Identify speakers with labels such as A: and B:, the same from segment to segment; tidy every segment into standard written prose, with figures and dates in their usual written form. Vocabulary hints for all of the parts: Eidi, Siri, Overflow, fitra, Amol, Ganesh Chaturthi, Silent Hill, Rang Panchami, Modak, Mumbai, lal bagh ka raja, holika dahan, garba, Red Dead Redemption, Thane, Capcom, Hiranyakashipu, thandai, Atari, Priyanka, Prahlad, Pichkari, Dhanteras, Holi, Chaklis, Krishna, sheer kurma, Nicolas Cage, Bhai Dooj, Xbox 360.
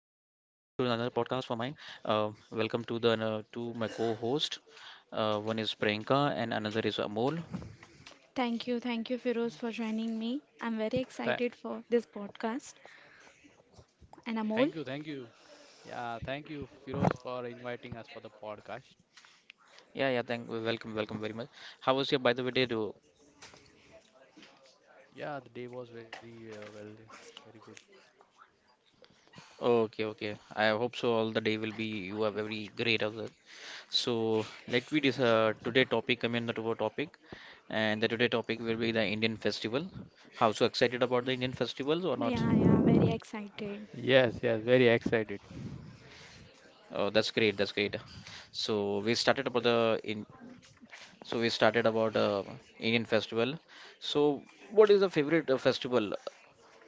A: another podcast for mine. Welcome to the to my co-host. One is Priyanka and another is Amol.
B: Thank you, Firoz, for joining me. I'm very excited
C: Tha-
B: for this podcast. And Amol?
C: thank you, thank you. Yeah, thank you, Firoz, for inviting us for the podcast.
A: Yeah, yeah. Thank. Welcome, welcome very much. How was your, by the way, day? Do
C: Yeah, the day was very well, very good.
A: okay, okay. I hope so. All the day will be you are very great of that. So let me this today topic. The today topic, and the today topic will be the Indian festival. How so excited about the Indian festivals or not?
B: Yeah, yeah, very excited.
C: Yes, yes, very excited.
A: Oh, that's great. That's great. So we started about the in we started about Indian festival. So what is the favorite festival,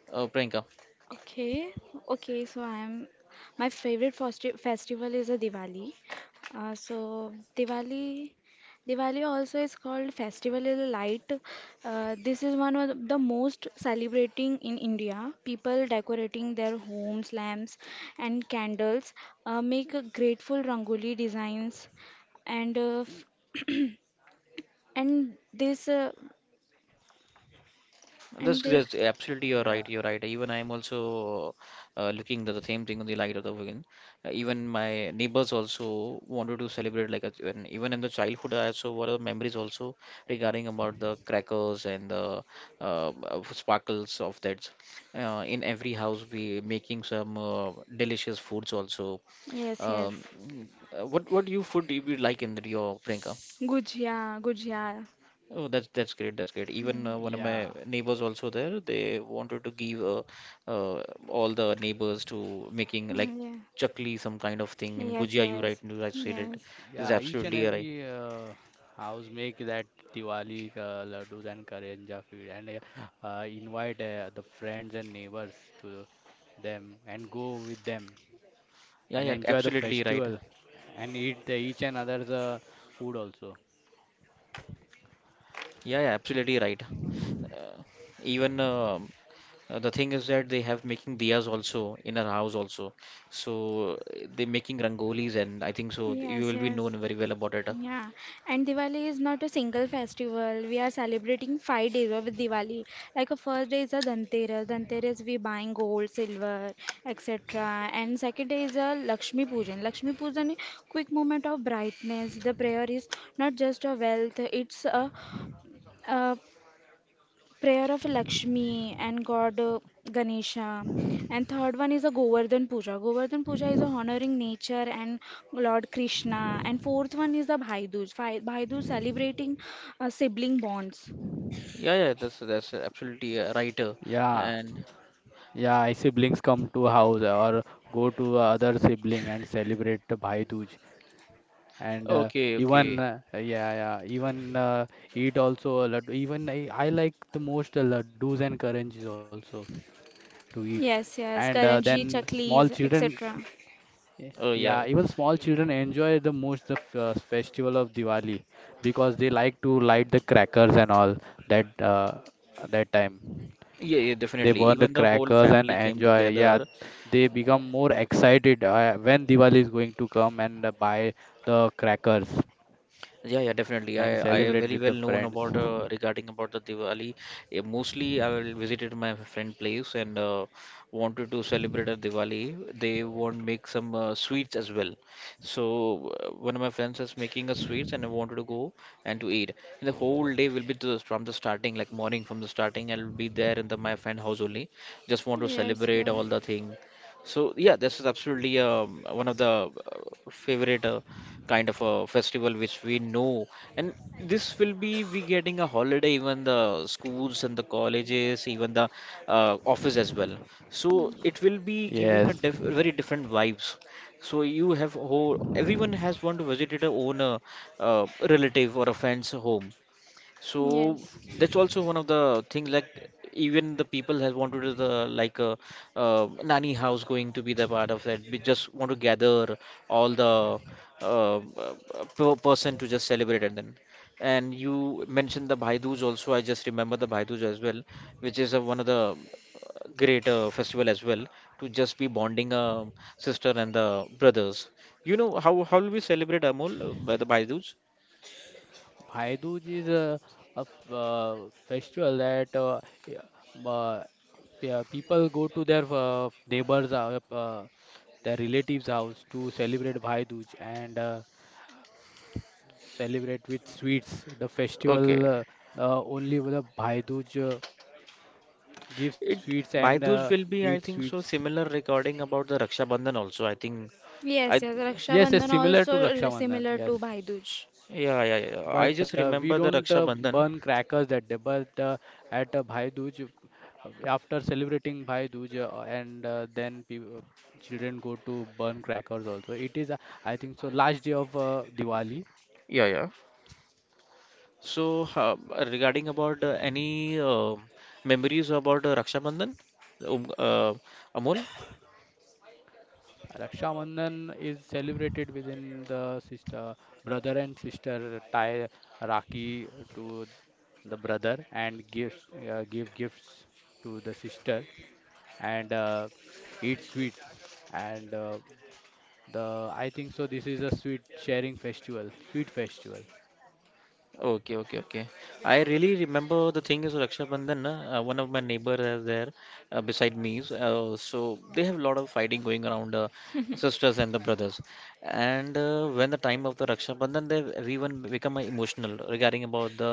A: Priyanka?
B: Okay, okay, so I'm my favorite festival is a Diwali. So Diwali also is called Festival of the Light. This is one of the most celebrating in India. People decorating their homes, lamps, and candles, make a grateful rangoli designs and And this, uh,
A: That's,
B: and this,
A: that's
C: Oh,
A: absolutely you're
C: yeah,
A: right. You're right. Even I'm also looking at the same thing on the light of the weekend. Even my neighbors also wanted to celebrate like a, even in the childhood. I also what are the memories also regarding about the crackers and the sparkles of that. In every house we making some delicious foods also.
B: yes, yes,
A: Um, what you food do you like in Rio, Priyanka?
B: gujia, gujia.
A: Oh, that's great. That's great. Even
B: Mm.
A: one of my
C: yeah,
A: neighbors also there. They wanted to give uh, all the neighbors to making like
B: Mm, yeah.
A: chakli, some kind of thing. In
B: Yes,
A: Gujia, you right?
B: yes,
A: You right said it.
B: yes,
A: This is
C: yeah. Each and
A: absolutely right.
C: every house make that Diwali laddus and karanja feed and invite the friends and neighbors to them and go with them
A: Yeah,
C: and
A: yeah,
C: enjoy the
A: absolutely right.
C: festival and eat the each and other's food also.
A: Yeah, yeah, absolutely right. Uh, even the thing is that they have making diyas also in our house also. So they making rangolis and I think so. You
B: yes,
A: will be
B: yes.
A: known very well about it.
B: Yeah, and Diwali is not a single festival. We are celebrating 5 days of Diwali. Like a first day is a Dhanteras. Dhanteras we buying gold, silver, etc. And second day is a Lakshmi Pujan. Lakshmi Pujan is quick moment of brightness. The prayer is not just a wealth; it's a prayer of Lakshmi and God, Ganesha. And third one is a Govardhan Puja. Govardhan Puja is a honoring nature and Lord Krishna. And fourth one is the Bhai Dooj. Bhai Dooj celebrating sibling bonds.
A: Yeah, yeah, that's absolutely right.
C: Yeah,
A: And
C: yeah, I siblings come to house or go to other sibling and celebrate the Bhai Dooj and
A: okay,
C: even
A: okay.
C: yeah, yeah, even eat also a lot. Even I like the most the laddus and karanjis also to eat
B: Yes,
C: and
B: yes, Karanji,
C: then small
B: Chaklis,
C: children
B: etc.
A: Oh yeah,
C: yeah, even small children enjoy the most the f festival of Diwali because they like to light the crackers and all that uh, that time.
A: yeah, yeah,
C: They
A: definitely.
C: burn the
A: Even the whole
C: crackers and
A: family came
C: enjoy. Yeah,
A: together,
C: they become more excited when Diwali is going to come and buy the crackers
A: yeah, yeah, definitely. I
C: and
A: I
C: celebrate
A: very
C: with the
A: well known
C: friends.
A: about regarding about the Diwali. Eh, mostly, I will visited my friend place and wanted to celebrate a Diwali. They want make some sweets as well. So one of my friends is making a sweets, and I wanted to go and to eat. And the whole day will be to, from the starting, like morning from the starting. I'll be there in the my friend house only. Just want to
B: Yes,
A: celebrate
B: yeah.
A: all the thing. So yeah, this is absolutely one of the favorite. Kind of a festival which we know and this will be we getting a holiday even the schools and the colleges even the office as well,
B: Mm,
A: so it will be
C: Yes,
A: giving a diff very different vibes, so you have whole everyone has want to visit their own relative or a friend's home, so
B: yes.
A: that's also one of the things like even the people has wanted to the like a, uh, nanny house going to be the part of that. We just want to gather all the uh, uh, per person to just celebrate and then. And you mentioned the Bhai Dooj also. I just remember the Bhai Dooj as well, which is one of the great festival as well to just be bonding a sister and the brothers. You know how will we celebrate Amol by the Bhai Dooj?
C: Bhai Dooj is a festival that y- uh, people go to their neighbors, their relatives' house to celebrate Bhai Dooj and celebrate with sweets. The
A: Okay.
C: festival, only the Bhai Dooj. Give sweets
A: It
C: and
A: Baidu's will
C: eat
A: be, I think
C: sweets.
A: so, similar regarding about the Raksha Bandhan also. I think
B: Yes,
A: I
B: yes, Raksha
C: Yes, yes,
B: Bandhan
C: similar
B: also
C: to Raksha Bandhan.
B: similar to
C: Yes,
B: Bhai Dooj.
A: yeah, yeah, yeah. I
C: but
A: just
C: we
A: remember the
C: don't
A: Raksha Bandhan.
C: burn crackers that day. But at Bhai Dooj, after celebrating Bhai Dooj, and then children go to burn crackers also. It is, I think, so last day of Diwali.
A: Yeah, yeah. So regarding about any memories about Raksha Bandhan, um, uh, Amol?
C: Raksha Bandhan is celebrated within the sister, brother and sister tie Rakhi to the brother and gives give gifts to the sister and eat sweet and the I think so this is a sweet sharing festival, sweet festival.
A: Okay, okay, okay. I really remember the thing is Raksha Bandhan. Na, one of my neighbor is there beside me. So, so they have a lot of fighting going around sisters and the brothers. And when the time of the Raksha Bandhan, they everyone become emotional regarding about the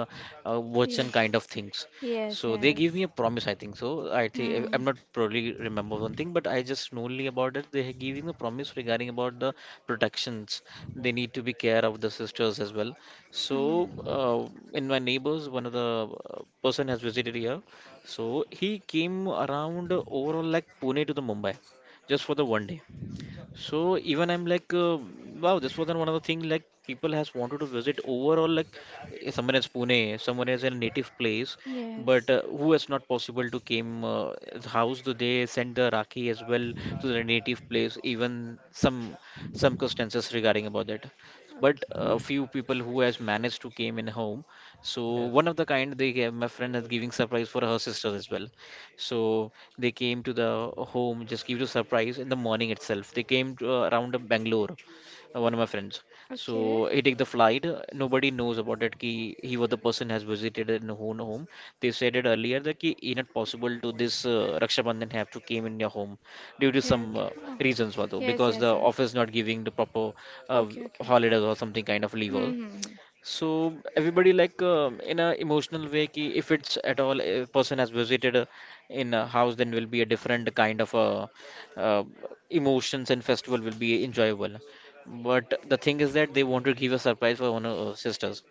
A: words and kind of
B: Yes,
A: things.
B: yes,
A: So they give me
B: yes.
A: a promise. I think so. I think
B: Hmm.
A: I'm not probably remember one thing, but I just know only about it. They are giving a promise regarding about the protections. They need to be care of the sisters as well, so,
B: Hmm.
A: in my neighbors, one of the person has visited here. So he came around overall like Pune to the Mumbai, just for the one day. So even I'm like, wow, this was one of the things like people has wanted to visit overall. Like eh, someone is Pune, someone is a native place, but
B: Yes.
A: who is not possible to came his house. So they send the Rakhi as well to their native place. Even some circumstances regarding about that. But a few people who has managed to came in home.
C: Yes,
A: So one of the kind they gave, my friend is giving surprise for her sister as well. So they came to the home, just give you a surprise in the morning itself. They came to, around Bangalore, one of my friends.
B: Okay.
A: So he take the flight. Nobody knows about it.
B: Okay.
A: Ki he was the person has visited in own home. They said it earlier that ki it not possible to this Raksha Bandhan have to came in your home due to
B: Okay,
A: some
B: okay. Oh.
A: reasons, though?
B: Yes,
A: Because
B: yes,
A: the
B: yes.
A: office not giving the proper uh,
B: Okay, okay.
A: holidays or something kind of leave. All.
B: Mm-hmm.
A: So everybody like in a emotional way ki if it's at all a person has visited a, in a house then will be a different kind of uh, emotions and festival will be enjoyable. But the thing is that they want to give a surprise for one of our sisters.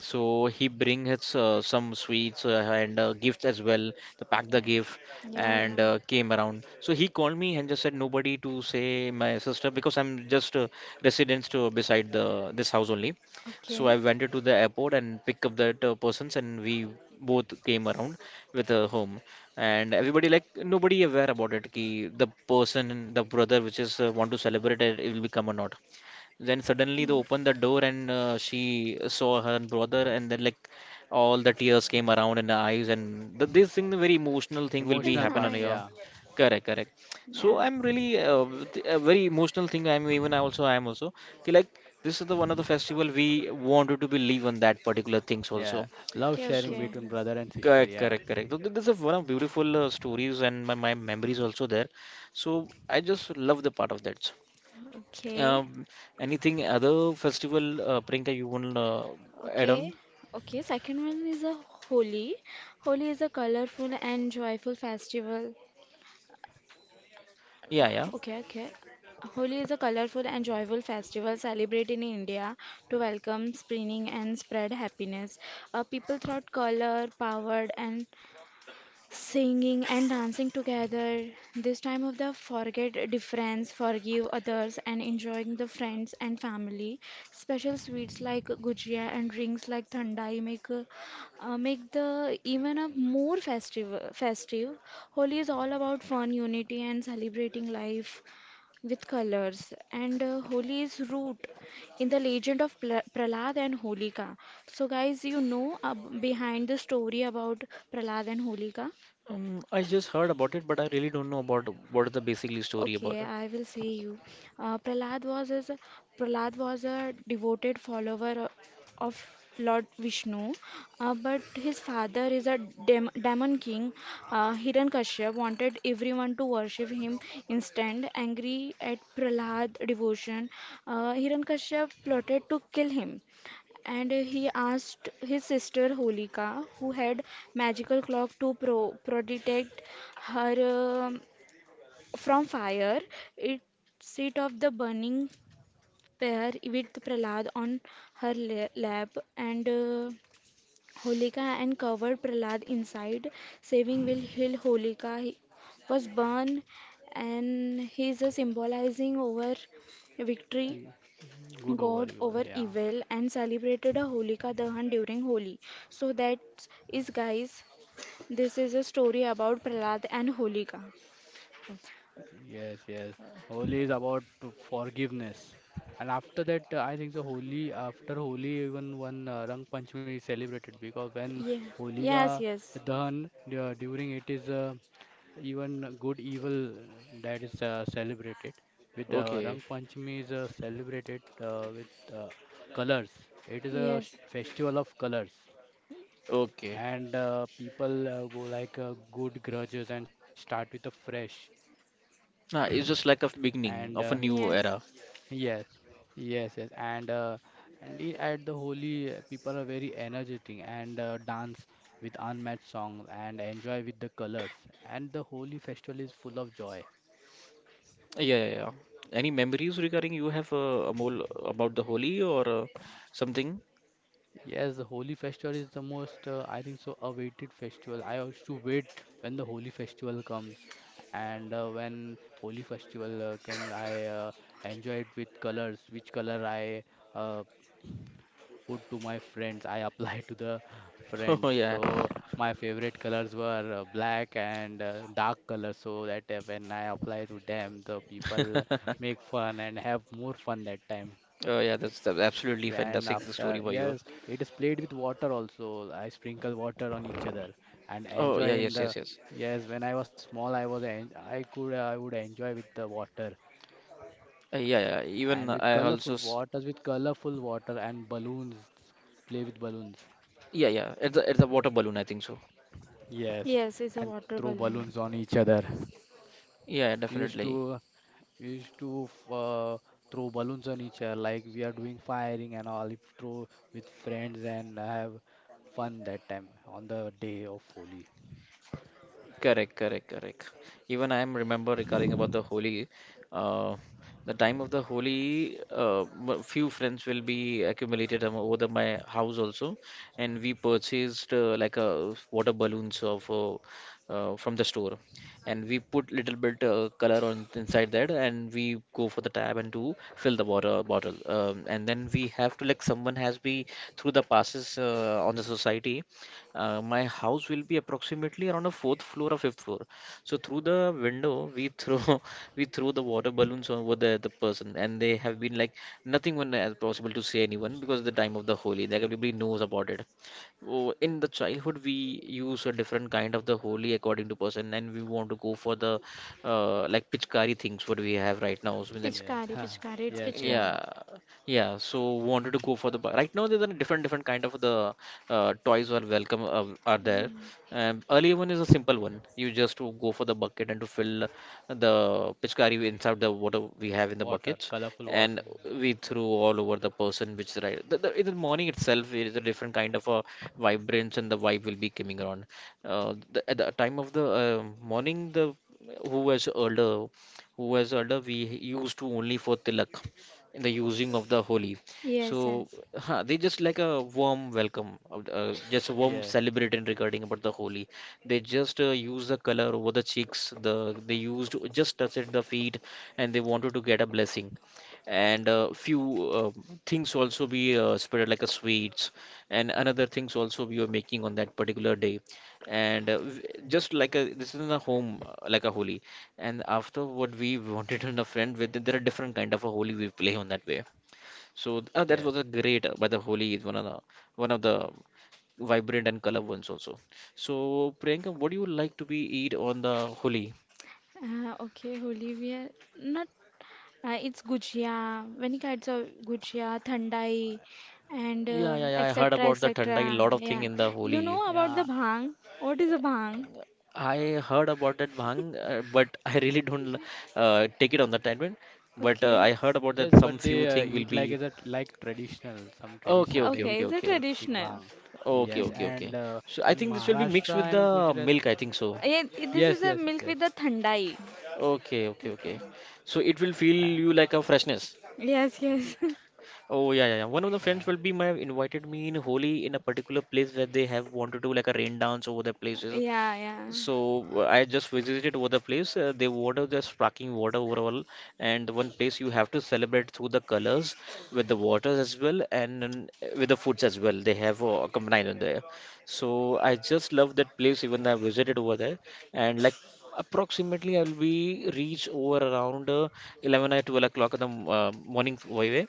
A: So he bring his some sweets and gifts as well. The pack the gift
B: Yeah, yeah.
A: and
B: Yeah.
A: came around. So he called me and just said nobody to say my sister because I'm just residence to beside the this house only. So
B: Okay.
A: I went to the airport and pick up that persons and we both came around with a home, and everybody like nobody aware about it. Ki the person the brother which is want to celebrate it, it will become or not. Then suddenly they opened the
B: Yeah.
A: door and she saw her brother, and then like all the tears came around in the eyes, and th this thing, the very emotional thing, will be
B: That's
C: emotional
A: happen
C: part.
A: on
B: nice.
A: here.
C: Yeah,
A: Correct, correct. So
B: Yeah.
A: I'm really a very emotional thing. I also I am also. Ki like this is the one of the festival we wanted to believe on that particular things
C: yeah,
A: also.
C: love
B: Okay,
C: sharing
A: So
B: okay.
C: between brother and sister.
A: correct,
C: Yeah.
A: correct, correct. So this is one of beautiful stories and my memories also there. So I just love the part of that.
B: Okay.
A: Um, anything other festival, Priyanka, you want to add
B: Okay.
A: on?
B: Okay, second one is a Holi. Holi is a colorful and joyful festival.
A: Yeah, yeah.
B: Okay, okay. Holi is a colorful and joyful festival celebrated in India to welcome spring and spread happiness. People throughout color, powered and singing and dancing together. This time of the forget difference, forgive others, and enjoying the friends and family. Special sweets like gujia and drinks like thandai make the even a more festive. Festive. Holi is all about fun, unity, and celebrating life with colors, and holi is root in the legend of prahlad and holika. So guys, you know behind the story about prahlad and holika?
A: I just heard about it, but I really don't know about what is the basically story about
B: Okay,
A: it.
B: I will say you. Uh, Prahlad was his, Prahlad was a devoted follower of Lord Vishnu, but his father is a demon king. Hiranyakashipu wanted everyone to worship him instead. Angry at Prahlad devotion, Hiranyakashipu plotted to kill him, and he asked his sister Holika, who had magical clock to protect her, from fire. It seat of the burning pair with Prahlad on her lap, and Holika and covered Prahlad inside. Saving will heal Holika. He was born, and he is symbolizing over victory,
C: Mm, good
B: god
C: overall.
B: over
C: Yeah.
B: evil, and celebrated a holika dahan during holi. So that is, guys, this is a story about prahlad and holika.
C: Yes, yes. Holi is about to forgiveness. And after that, I think so. Holi, after Holi, even one Rang Panchami is celebrated because when
B: Yeah.
C: Holika
B: Yes, yes,
C: Dahan during it is even good evil that is celebrated with the Rang
A: Okay,
C: Panchami is celebrated with uh, colors. It is a
B: yes.
C: festival of colors,
A: okay.
C: and people go like good grudges and start with a fresh
A: Nah, it's just like a
C: and.
A: beginning of a new
B: Yes.
A: era.
C: Yes, yes, yes, and at the Holi, people are very energetic and dance with unmatched songs and enjoy with the colors. And the Holi festival is full of joy.
A: Yeah, yeah, yeah. Any memories regarding you have Amol about the Holi or something?
C: Yes, the Holi festival is the most, I think so, awaited festival. I used to wait when the Holi festival comes, and when Holi festival comes, I enjoy it with colors, which color I uh, put to my friends. I applied to the friends.
A: Oh yeah.
C: So my favorite colors were black and dark colors. So that when I apply to them, the people make fun and have more fun that time.
A: Oh yeah, that's
C: And
A: absolutely
C: after,
A: fantastic
C: yes,
A: story by
C: it
A: you.
C: is played with water also. I sprinkle water on each other and
A: Oh
C: enjoy
A: yeah,
C: in
A: yes,
C: the.
A: yes, yes.
C: Yes, when I was small, I was en I would enjoy with the water
A: Yeah, yeah.
C: and
A: Even I also. S-
C: with colorful water and balloons. Play with balloons.
A: yeah, yeah. At the water balloon, I think so.
C: Yes,
B: Yes, it's a
C: and throw
B: water
C: balloons on
B: balloon.
C: each other. We
A: Yeah,
C: used to
A: definitely.
C: we used to uh, throw balloons on each other like we are doing firing and all. If throw with friends and have fun that time on the day of Holi.
A: Correct, correct, correct. Even I am remember regarding about the Holi. Uh, the time of the Holi, few friends will be accumulated over the, my house also, and we purchased like a water balloons of from the store, and we put little bit color on inside that, and we go for the tab and to fill the water bottle, and then we have to like someone has be through the passes on the society. My house will be approximately around a fourth floor or fifth floor. So through the window, we throw we throw the water balloons over the person, and they have been like nothing one as possible to say anyone because the time of the Holi, like everybody knows about it. Oh, in the childhood, we use a different kind of the Holi according to person, and we want to go for the like Pichkari things what we have right now. So, then
C: Yes,
B: Pichkari, pichkari, it's
C: yes, yes.
B: pichkari.
A: yeah, yeah. So wanted to go for the right now. There's a different different kind of the toys are welcome are
B: Yeah.
A: there. Earlier one is a simple one. You just to go for the bucket and to fill the pitchkari inside the water we have in the
C: Water,
A: buckets,
C: colorful water,
A: and
C: and all.
A: we threw all over the person which is right. In the morning itself, it is a different kind of a vibrance and the vibe will be coming around. At the time of the morning, the who was older, who was older, we used to only for tilak in the using of the Holi.
B: Yes,
A: So
B: yes.
A: they just like a warm welcome, just a warm
C: Yes,
A: celebrating regarding about the Holi. They just use the color over the cheeks. They used just touch at the feet, and they wanted to get a blessing. And few uh, things also be spread like a sweets, and another things also we were making on that particular day. And just like a this is in a home like a Holi, and after what we wanted in a friend with there are different kind of a holy we play on that way. So that
C: yes.
A: was a great, but the holy is one of the vibrant and color ones also. So Priyanka, what do you like to be eat on the holy?
B: Okay, holy wear. Not, it's gujia, many kinds of gujia, thandai, and
A: Yeah, yeah, yeah, I heard
B: etc.
A: about the thandai, a
B: etc.
A: lot of thing
B: Yeah.
A: in the
B: You
A: holy.
B: know about
C: Yeah,
B: the bhang? What is a bhang?
A: I heard about that bhang, but I really don't take it on the time. But
B: Okay.
A: I heard about
C: yes,
A: that
C: but
A: some
C: they
A: few thing will
C: eat like
A: be
C: as a like traditional, some traditional
A: okay,
C: they
A: okay,
C: eat
B: Okay,
A: okay,
B: it's a
A: okay, okay.
C: eat
B: traditional.
C: bhang.
A: Okay,
C: Yes,
A: okay,
C: and
A: okay. So I
C: in
A: think this will be mixed
C: Maharashtra
A: with
C: and
A: the
C: Gujarat.
A: milk, I think so.
B: Yeah,
C: Yes,
B: this is
C: yes,
B: a
C: yes.
B: milk with the thandai.
A: Okay, okay,
B: Okay.
A: okay. So it will
C: Uh,
A: feel you like a freshness.
B: Yes, yes.
A: Oh yeah, yeah, yeah. One of the friends
C: yeah.
A: will be my invited me in Holi in a particular place where they have wanted to do like a rain dance over their places.
B: Yeah, yeah.
A: So I just visited over the place. The water just sparkling water overall, and one place you have to celebrate through the colors with the waters as well, and then, with the foods as well. They have combined on there. So I just love that place even though I visited over there. And like approximately, I'll be reach over around 11 or 12 o'clock in the morning way,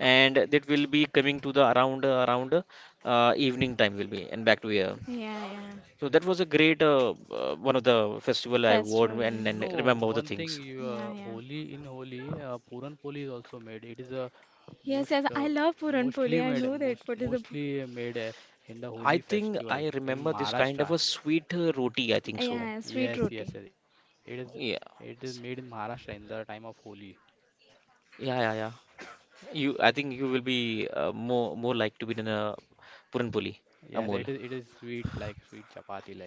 A: and that will be coming to the around evening time will be and back to here.
B: Yeah, yeah.
A: So that was a great, one of the festival I wore
B: Festival. Yeah.
A: and,
C: You
A: and
C: know,
A: remember the
C: one thing
A: things.
C: you
B: Yeah, yeah.
C: Holi in Holi, Puran Poli is also made. It is a
B: Yes,
C: most
B: yes,
C: uh,
B: I love Puran
C: mostly
B: Poli. I
C: made
B: know that. What is a
C: in the Holi
A: I think
C: festival
A: I
C: in
A: remember this kind
C: Maharashtra.
A: of a sweet roti, I think so.
B: yeah,
C: Yes,
B: sweet
C: yes, yes.
B: roti.
C: It is
A: Yeah,
C: made in Maharashtra in the time of Holi.
A: yeah, yeah, yeah. You, I think you will be more like to be in a Puran Puli,
C: Yes, it is
A: Amul.
C: it is sweet like sweet chapati like.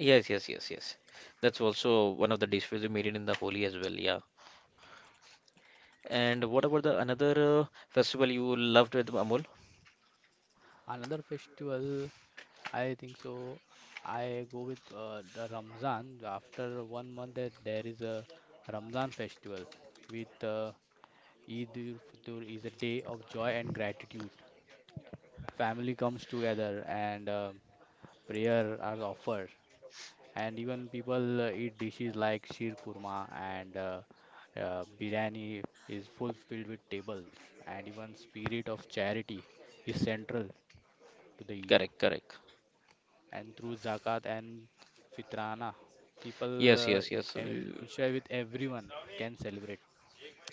A: Yes, yes, yes, yes. That's also one of the dishes we made it in the Holi as well. Yeah. And what about the another festival you loved with Amul?
C: Another festival, I think so. I go with the Ramzan. After one month, that there is a Ramzan festival with Eid ul Fitr is a day of joy and gratitude. Family comes together and prayer are offered, and even people eat dishes like sheer kurma and biryani is fulfilled with tables, and even spirit of charity is central to the Eid.
A: Correct, correct.
C: And through zakat and fitrana, people
A: Yes, yes, yes,
C: ensure
A: we-
C: with everyone can celebrate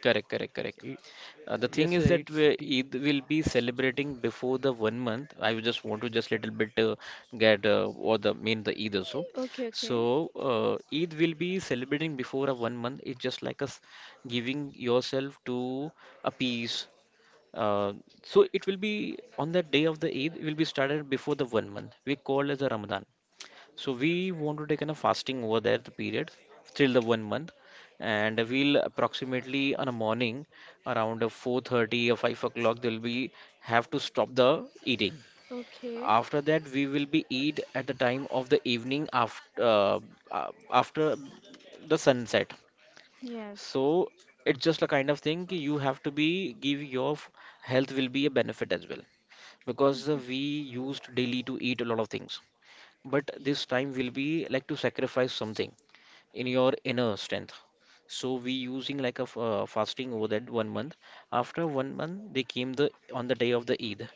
A: correct, correct,
C: it.
A: correct.
C: Yes,
A: The thing is
C: it's
A: that
C: the.
A: we Eid will be celebrating before the 1 month. I will just want to just little bit get what the mean the Eid also.
B: Okay,
A: So
B: okay.
A: Eid will be celebrating before a 1 month. It's just like us giving yourself to a peace. Uh, so it will be on the day of the Eid. It will be started before the 1 month. We call as a Ramadan. So we want to take in a fasting over there the period till the 1 month, and we'll approximately on a morning around 4:30 or 5 o'clock they'll be have to stop the eating.
B: Okay.
A: After that, we will be eat at the time of the evening uh, after the sunset.
B: Yes.
A: So it's just a kind of thing ki you have to be give your f- health will be a benefit as well, because
B: Okay.
A: we used daily to eat a lot of things, but this time will be like to sacrifice something in your inner strength. So we using like a fasting over that 1 month. After 1 month they came the on the day of the eid.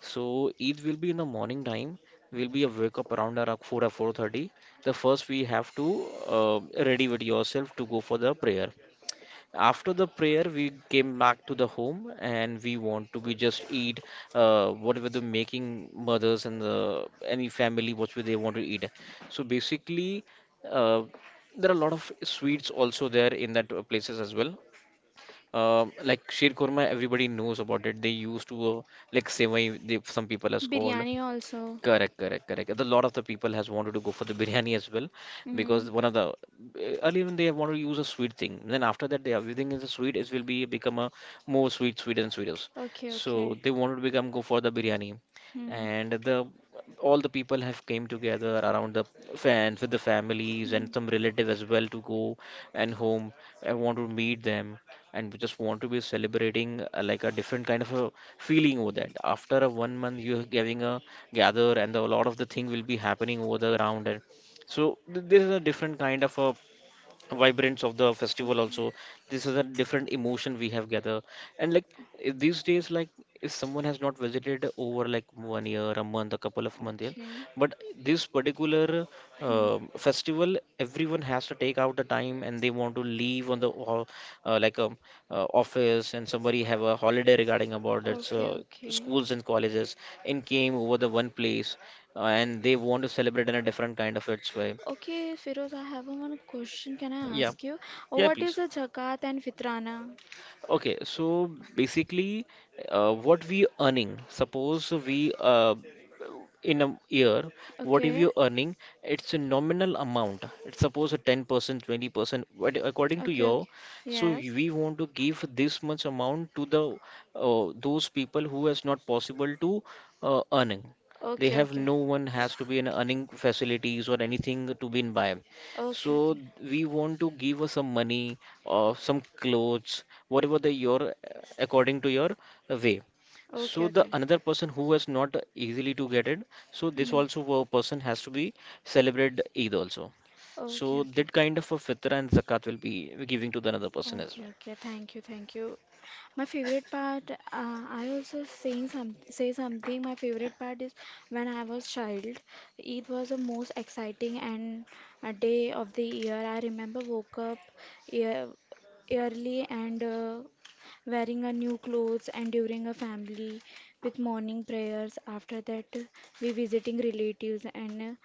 A: So eid will be in the morning time, will be a wake up around 4 or 4:30. The first we have to uh, ready with yourself to go for the prayer. After the prayer, we came back to the home and we want to be just eat whatever the making mothers and the any family whatever they want to eat. So basically, uh, there are a lot of sweets also there in that places as well. Um, like sheer korma, everybody knows about it. They used to like sevai, they, some people has called.
B: Biryani also.
A: Correct, correct, correct. A lot of the people has wanted to go for the biryani as well, because
B: Because. Mm.
A: one of the earlier when they want to use a sweet thing. Then after that, they everything is a sweet. It will be become a more sweet, sweet and sweeter.
B: Okay, so
A: So
B: okay.
A: they wanted to become go for the biryani,
B: Mm.
A: and the all the people have came together around the fans with the families and some relative as well to go and home. I want to meet them and we just want to be celebrating like a different kind of a feeling over that. After a 1 month, you're having a gather, and the, a lot of the thing will be happening over the round. And so there is a different kind of a vibrance of the festival also. This is a different emotion we have gather, and like these days like if someone has not visited over like 1 year a month a couple of months in,
B: Okay. Okay.
A: but this particular festival everyone has to take out the time and they want to leave on the like office and somebody have a holiday regarding about its
B: Okay, okay.
A: schools and colleges, and came over the one place, and they want to celebrate in a different kind of its way.
B: Okay, Firoz, I have one question. Can I, yeah,
A: Yeah,
B: ask you? Yes.
A: yeah,
B: What
A: please.
B: is a zakat and fitrana? What
A: Okay, so basically, what we earning? Suppose we in a year,
B: if.
A: what if
B: Okay.
A: you earning? It's a nominal amount. It's suppose a 10%, 20%, what
B: Okay,
A: according to
B: okay. So
A: your. So
B: yes.
A: we want to give this much amount to the those people who is not possible to earning. They
B: Okay,
A: have
B: okay.
A: no one has to be an earning facilities or anything to be in by. So
B: Okay.
A: we want to give us some money or some clothes, whatever the your according to your way.
B: Okay,
A: So the
B: okay.
A: another person who has not easily to get it, so
B: Okay, is
A: this
B: okay. Hmm.
A: also a person has to be celebrate Eid also.
B: So okay,
A: So that
B: okay.
A: kind of a fitra and zakat will be giving to the another person as
B: Okay,
A: well.
B: okay. Thank you, thank you. My favorite part, I also saying some say something. My favorite part is when I was child. It was the most exciting and a day of the year. I remember woke up ear, early and wearing a new clothes and during a family with morning prayers. After that, we visiting relatives and,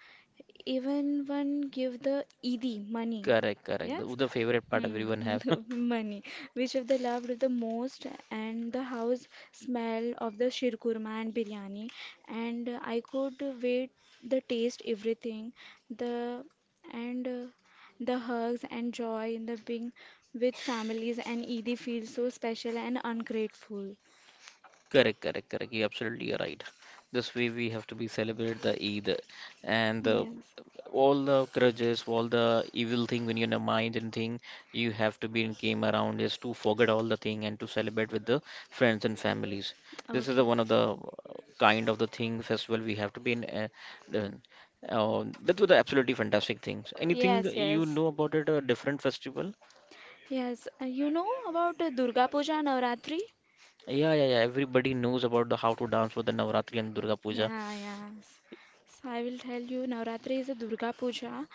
B: even one give the Eidi money.
A: Correct, correct. The,
B: Yes?
A: the favorite part everyone
B: Hmm,
A: have.
B: the money. Which of the loved the most and the house smell of the shirkurma and biryani, and I could wait the taste, everything the, and the hugs and joy in the being with families, and Eidi feels so special and ungrateful.
A: Correct, correct, correct. You absolutely are right. This way we have to be celebrate the Eid and the,
B: Yes.
A: all the grudges, all the evil thing when you're in your mind and thing, you have to be in game around is to forget all the thing and to celebrate with the friends and families. This is the
B: Okay.
A: one of the kind of the thing festival we have to be in. Done. That was the absolutely fantastic things. Anything
B: Yes,
A: you
B: yes.
A: know about it? A different festival?
B: Yes, you know about Durga Puja Navratri?
A: Yeah, yeah, yeah. Everybody knows about the how to dance for the Navratri and Durga Puja.
B: Yeah, yes. So I will tell you, Navratri is a Durga Puja.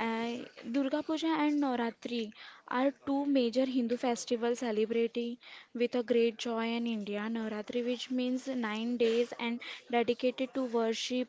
B: Uh, Durga Puja and Navratri are two major Hindu festivals celebrating with a great joy in India. Navratri, which means 9 days and dedicated to worship,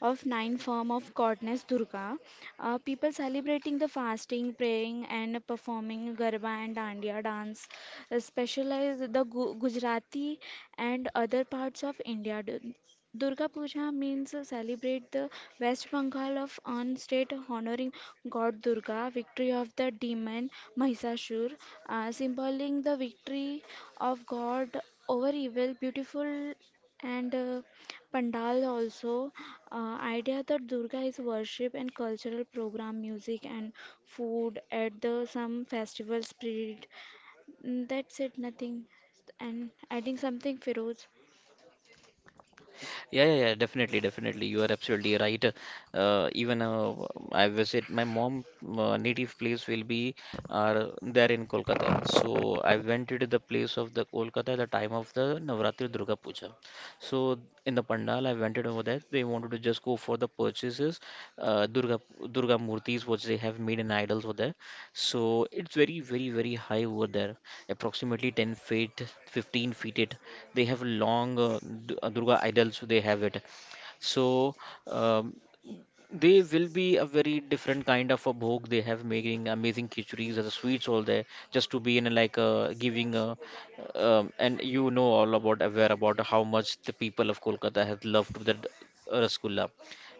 B: of nine form of goddess Durga. People celebrating the fasting, praying, and performing Garba and Dandiya dance, specialize the Gujarati and other parts of India. Durga Puja means celebrate the West Bengal of on state honoring God Durga, victory of the demon Mahishasur, symboling the victory of God over evil, beautiful, and Pandal also, idea that Durga is worship, and cultural program, music and food at the some festival spirit. Mm, that's it, nothing. And adding something, Feroz.
A: Yeah, yeah, yeah, definitely, definitely. You are absolutely right. Even I visit my mom native place will be there in Kolkata. So I went to the place of the Kolkata at the time of the Navratri Durga Puja. So in the pandal, I went over there. They wanted to just go for the purchases, uh, Durga Durga murtis which they have made in idols over there. So it's very, very, very high over there, approximately 10 feet, 15 feet. It they have long Durga idols, they have it. So um, they will be a very different kind of a bhog. They have making amazing khichuris as a sweets all there, just to be in a, like a giving a, and you know all about aware about how much the people of Kolkata have loved that rasgulla.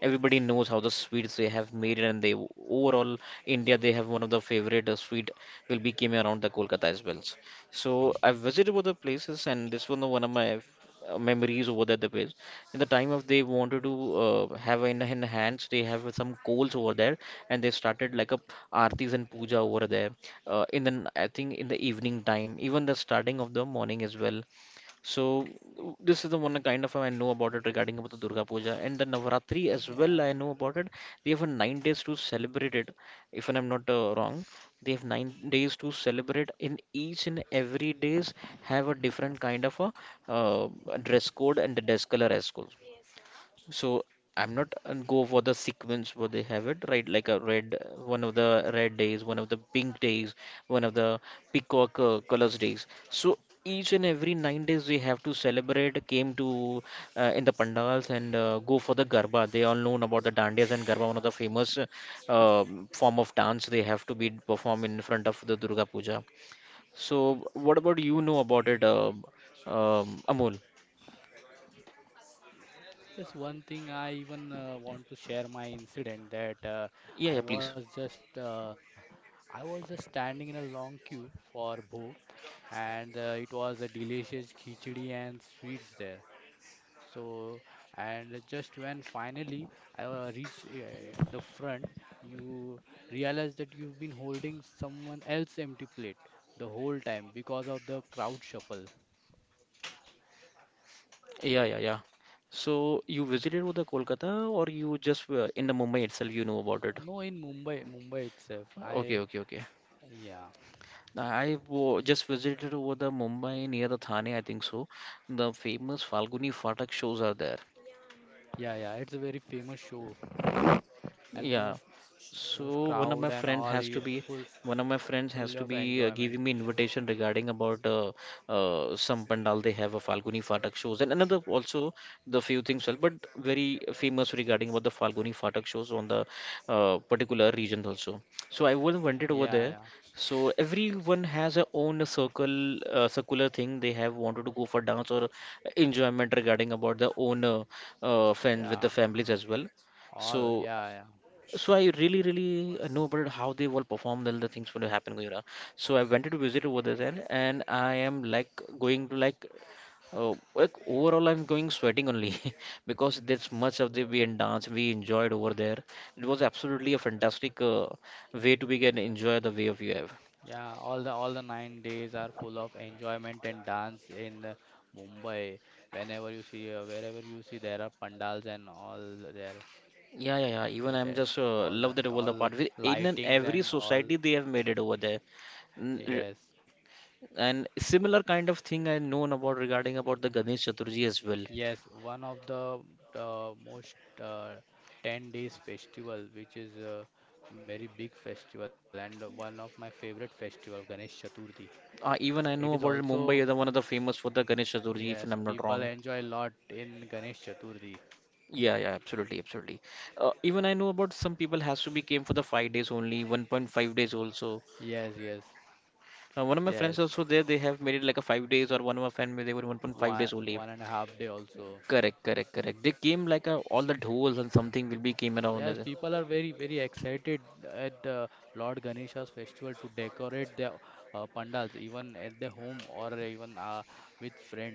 A: Everybody knows how the sweets they have made, and they overall India they have one of the favorite sweet will be came around the Kolkata as well. So I visited other places, and this one of my memories over there the place in the time of they wanted to have in hands they have some coals over there, and they started like a aartis and puja over there, in the I think in the evening time, even the starting of the morning as well. So this is the one kind of I know about it regarding about the Durga Puja and the Navaratri
C: Yeah,
A: as well, I know about it. They have a 9 days to celebrate it, if I'm not wrong. They have 9 days to celebrate in each and every days, have a different kind of a uh, dress code and the dress color as well. So I'm not go for the sequence where they have it, right? Like a red, one of the red days, one of the pink days, one of the peacock colors days. So each and every 9 days we have to celebrate, came to in the pandals and go for the garba. They all known about the dandiyas and garba, one of the famous form of dance they have to be performed in front of the Durga Puja. So what about you know about it, Amol?
C: yes, one thing I even want to share my incident that i
A: Yeah, yeah,
C: was
A: please.
C: just uh, I was just standing in a long queue for bhog, and it was a delicious khichdi and sweets there. So, and just when finally I reached the front, you realize that you've been holding someone else's empty plate the whole time because of the crowd shuffle.
A: Yeah, yeah, yeah. So you visited with the Kolkata or you just were in the Mumbai itself, you know about it?
C: No, in Mumbai, Mumbai itself. I,
A: Okay, okay, okay.
C: yeah,
A: Nah, I just visited over the Mumbai near the Thane, I think so. The famous Falguni Fatak shows are there.
C: yeah, yeah. It's a very famous show and most
A: Yeah.
C: most
A: So
C: crowd
A: one of
C: and
A: my
C: all,
A: friends
C: yeah,
A: has to be
C: full
A: one of my friends
C: full of
A: has to be
C: enjoyment.
A: giving me invitation regarding about some pandal they have a Falguni Phatak shows and another also the few things well, but very famous regarding about the Falguni Phatak shows on the particular region also. So I was
C: Yeah,
A: wanted over
C: yeah,
A: there. So everyone has their own circle circular thing they have wanted to go for dance or enjoyment regarding about their own
C: yeah.
A: friends with the families as well.
C: All,
A: So
C: yeah, yeah.
A: so I really, really know about how they will perform all the things when it happen, you know. So I wanted to visit over there, and I am like going to like overall I'm going sweating only because there's much of the we and dance we enjoyed over there. It was absolutely a fantastic way to begin enjoy the way of you have.
C: Yeah, all the 9 days are full of enjoyment and dance in Mumbai. Whenever you see, wherever you see, there are pandals and all there
A: Yeah, yeah, yeah.
C: with
A: Even I'm just
C: all the
A: love that all
C: all
A: the part. In an
C: lightings and
A: every
C: all.
A: society they have made it over there. N- r-
C: Yes,
A: And similar kind of thing I known about regarding about the Ganesh Chaturji as well.
C: yes. One of the most uh, 10 days festival, which is a very big festival and one of my favorite festival, Ganesh Chaturthi. It is
A: Even I know about
C: also,
A: it, Mumbai is the one of the famous for the Ganesh
C: yes,
A: Chaturthi, if I'm
C: people
A: not wrong.
C: enjoy a lot in Ganesh Chaturthi.
A: Yeah, yeah, absolutely, absolutely. Even I know about some people has to be came for the 5 days only, 1.5 days also.
C: Yes, yes.
A: One of my
C: Yes,
A: friends also there, they have made it like a 5 days, or one of my friend they were
C: one
A: 1.5 days
C: one
A: only.
C: and a half day also.
A: Correct, correct, correct. They came like a, all the dhouls and something will be came
C: Yes,
A: around there.
C: people are very very excited at the Lord Ganesha's festival to decorate their pandals even at the home or even with friends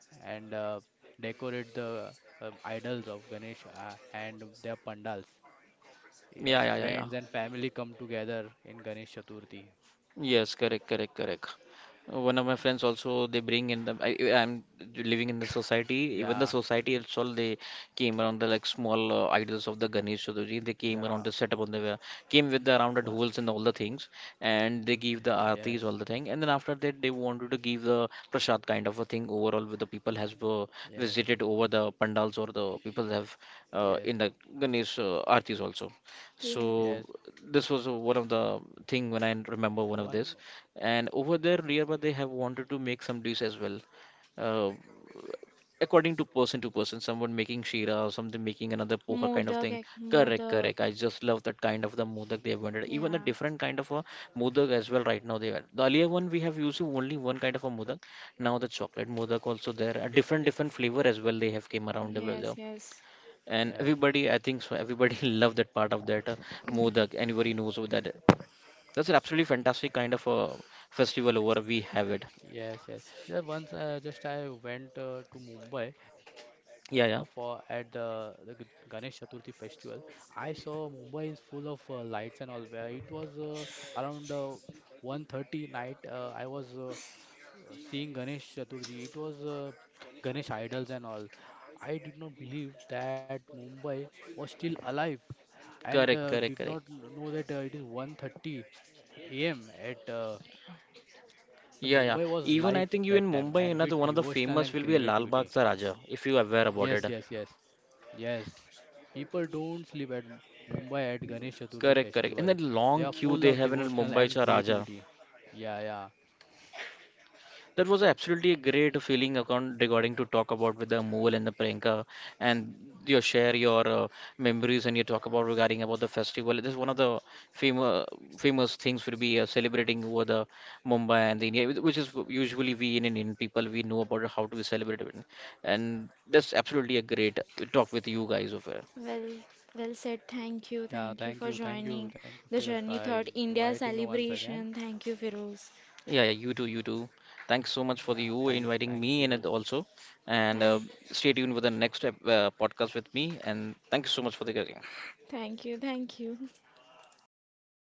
C: and decorate the idols of Ganesha and their pandals. Yeah,
A: Yeah, yeah, yeah,
C: friends
A: yeah.
C: and family come together in Ganesh Chaturthi.
A: Yes, correct, correct, correct. One of my friends also they bring in the I'm living in the society.
C: Yeah,
A: Even the society itself they came around the like small idols of the Ganesh Chaturthi. They came
C: yeah.
A: around the setup on the came with the
C: Wha
A: rounded holes and all the things, and they give the
C: Yes,
A: aartis all the thing. And then after that they wanted to give the prasad kind of a thing overall with the people has
C: yes,
A: visited over the pandals or the people have
C: yes.
A: in the Ganesh aartis also.
B: Yeah.
C: Yes.
A: So this was one of the thing when I remember
C: One,
A: one of this. And over there, nearby they have wanted to make some dish as well, uh, according to person to person. Someone making shira or something making another poha kind of
B: Modak,
A: thing. Correct,
B: Modak.
A: correct. I just love that kind of the modak they have wanted. Even a
B: Yeah.
A: different kind of a modak as well right now they are. The earlier one we have used only one kind of a modak. Now the chocolate modak also there. A different different flavor as well they have came around over there,
B: Yes, yes.
C: yes,
A: and everybody, I think so, everybody love that part of that
B: Yeah.
A: modak, anybody knows what that is. That's an absolutely fantastic kind of a festival over we have it.
C: yes, yes. Just once, just I went to Mumbai for at
A: Yeah, yeah.
C: the Ganesh Chaturthi festival. I saw Mumbai is full of lights and all. Where it was around 1:30 night. I was seeing Ganesh Chaturthi. It was Ganesh idols and all. I did not believe that Mumbai was still alive and
A: Correct,
C: did not
A: correct, correct.
C: know that it is 1:30 a.m. at the Mumbai
A: Yeah, yeah.
C: was live
A: Even I
C: that
A: think you in
C: time and
A: Mumbai
C: with
A: another one of the
C: devotional and
A: famous will be a
C: creativity.
A: Lal Bagh Ka Raja, if you are aware
C: Yes,
A: about
C: yes,
A: it.
C: yes, yes. People don't sleep at Mumbai at Ganesh Chaturthi
A: Correct,
C: festival.
A: correct. And that
C: They are
A: long
C: full of
A: queue they have in
C: devotional and
A: Mumbai Cha
C: creativity.
A: Raja.
C: Yeah, yeah,
A: That was absolutely a great feeling account regarding to talk about with the Amol and the Priyanka, and you share your memories and you talk about regarding about the festival. This is one of the famous famous things will be celebrating over the Mumbai and the India, which is usually we in Indian people we know about how to celebrate it. And that's absolutely a great talk with you guys over.
B: Well, well said. Thank
C: yeah.
B: you.
C: Thank
B: Thank
C: you,
B: you for
C: thank you, thank
B: joining
C: you, Firoz,
B: the
C: for
B: Journey Thought
C: inviting once
B: India
C: again.
B: celebration. Thank you, Firoz.
A: Yeah, yeah, you too, you too. Thanks so
C: Yeah,
A: much for
C: thanks,
A: you
C: thanks,
A: inviting
C: Firoz.
A: me in it also. And
B: Thank,
A: stay tuned with the next podcast with me. And thank you so much for the.
B: thank you. Thank you.
C: Okay, thank you, Firoz.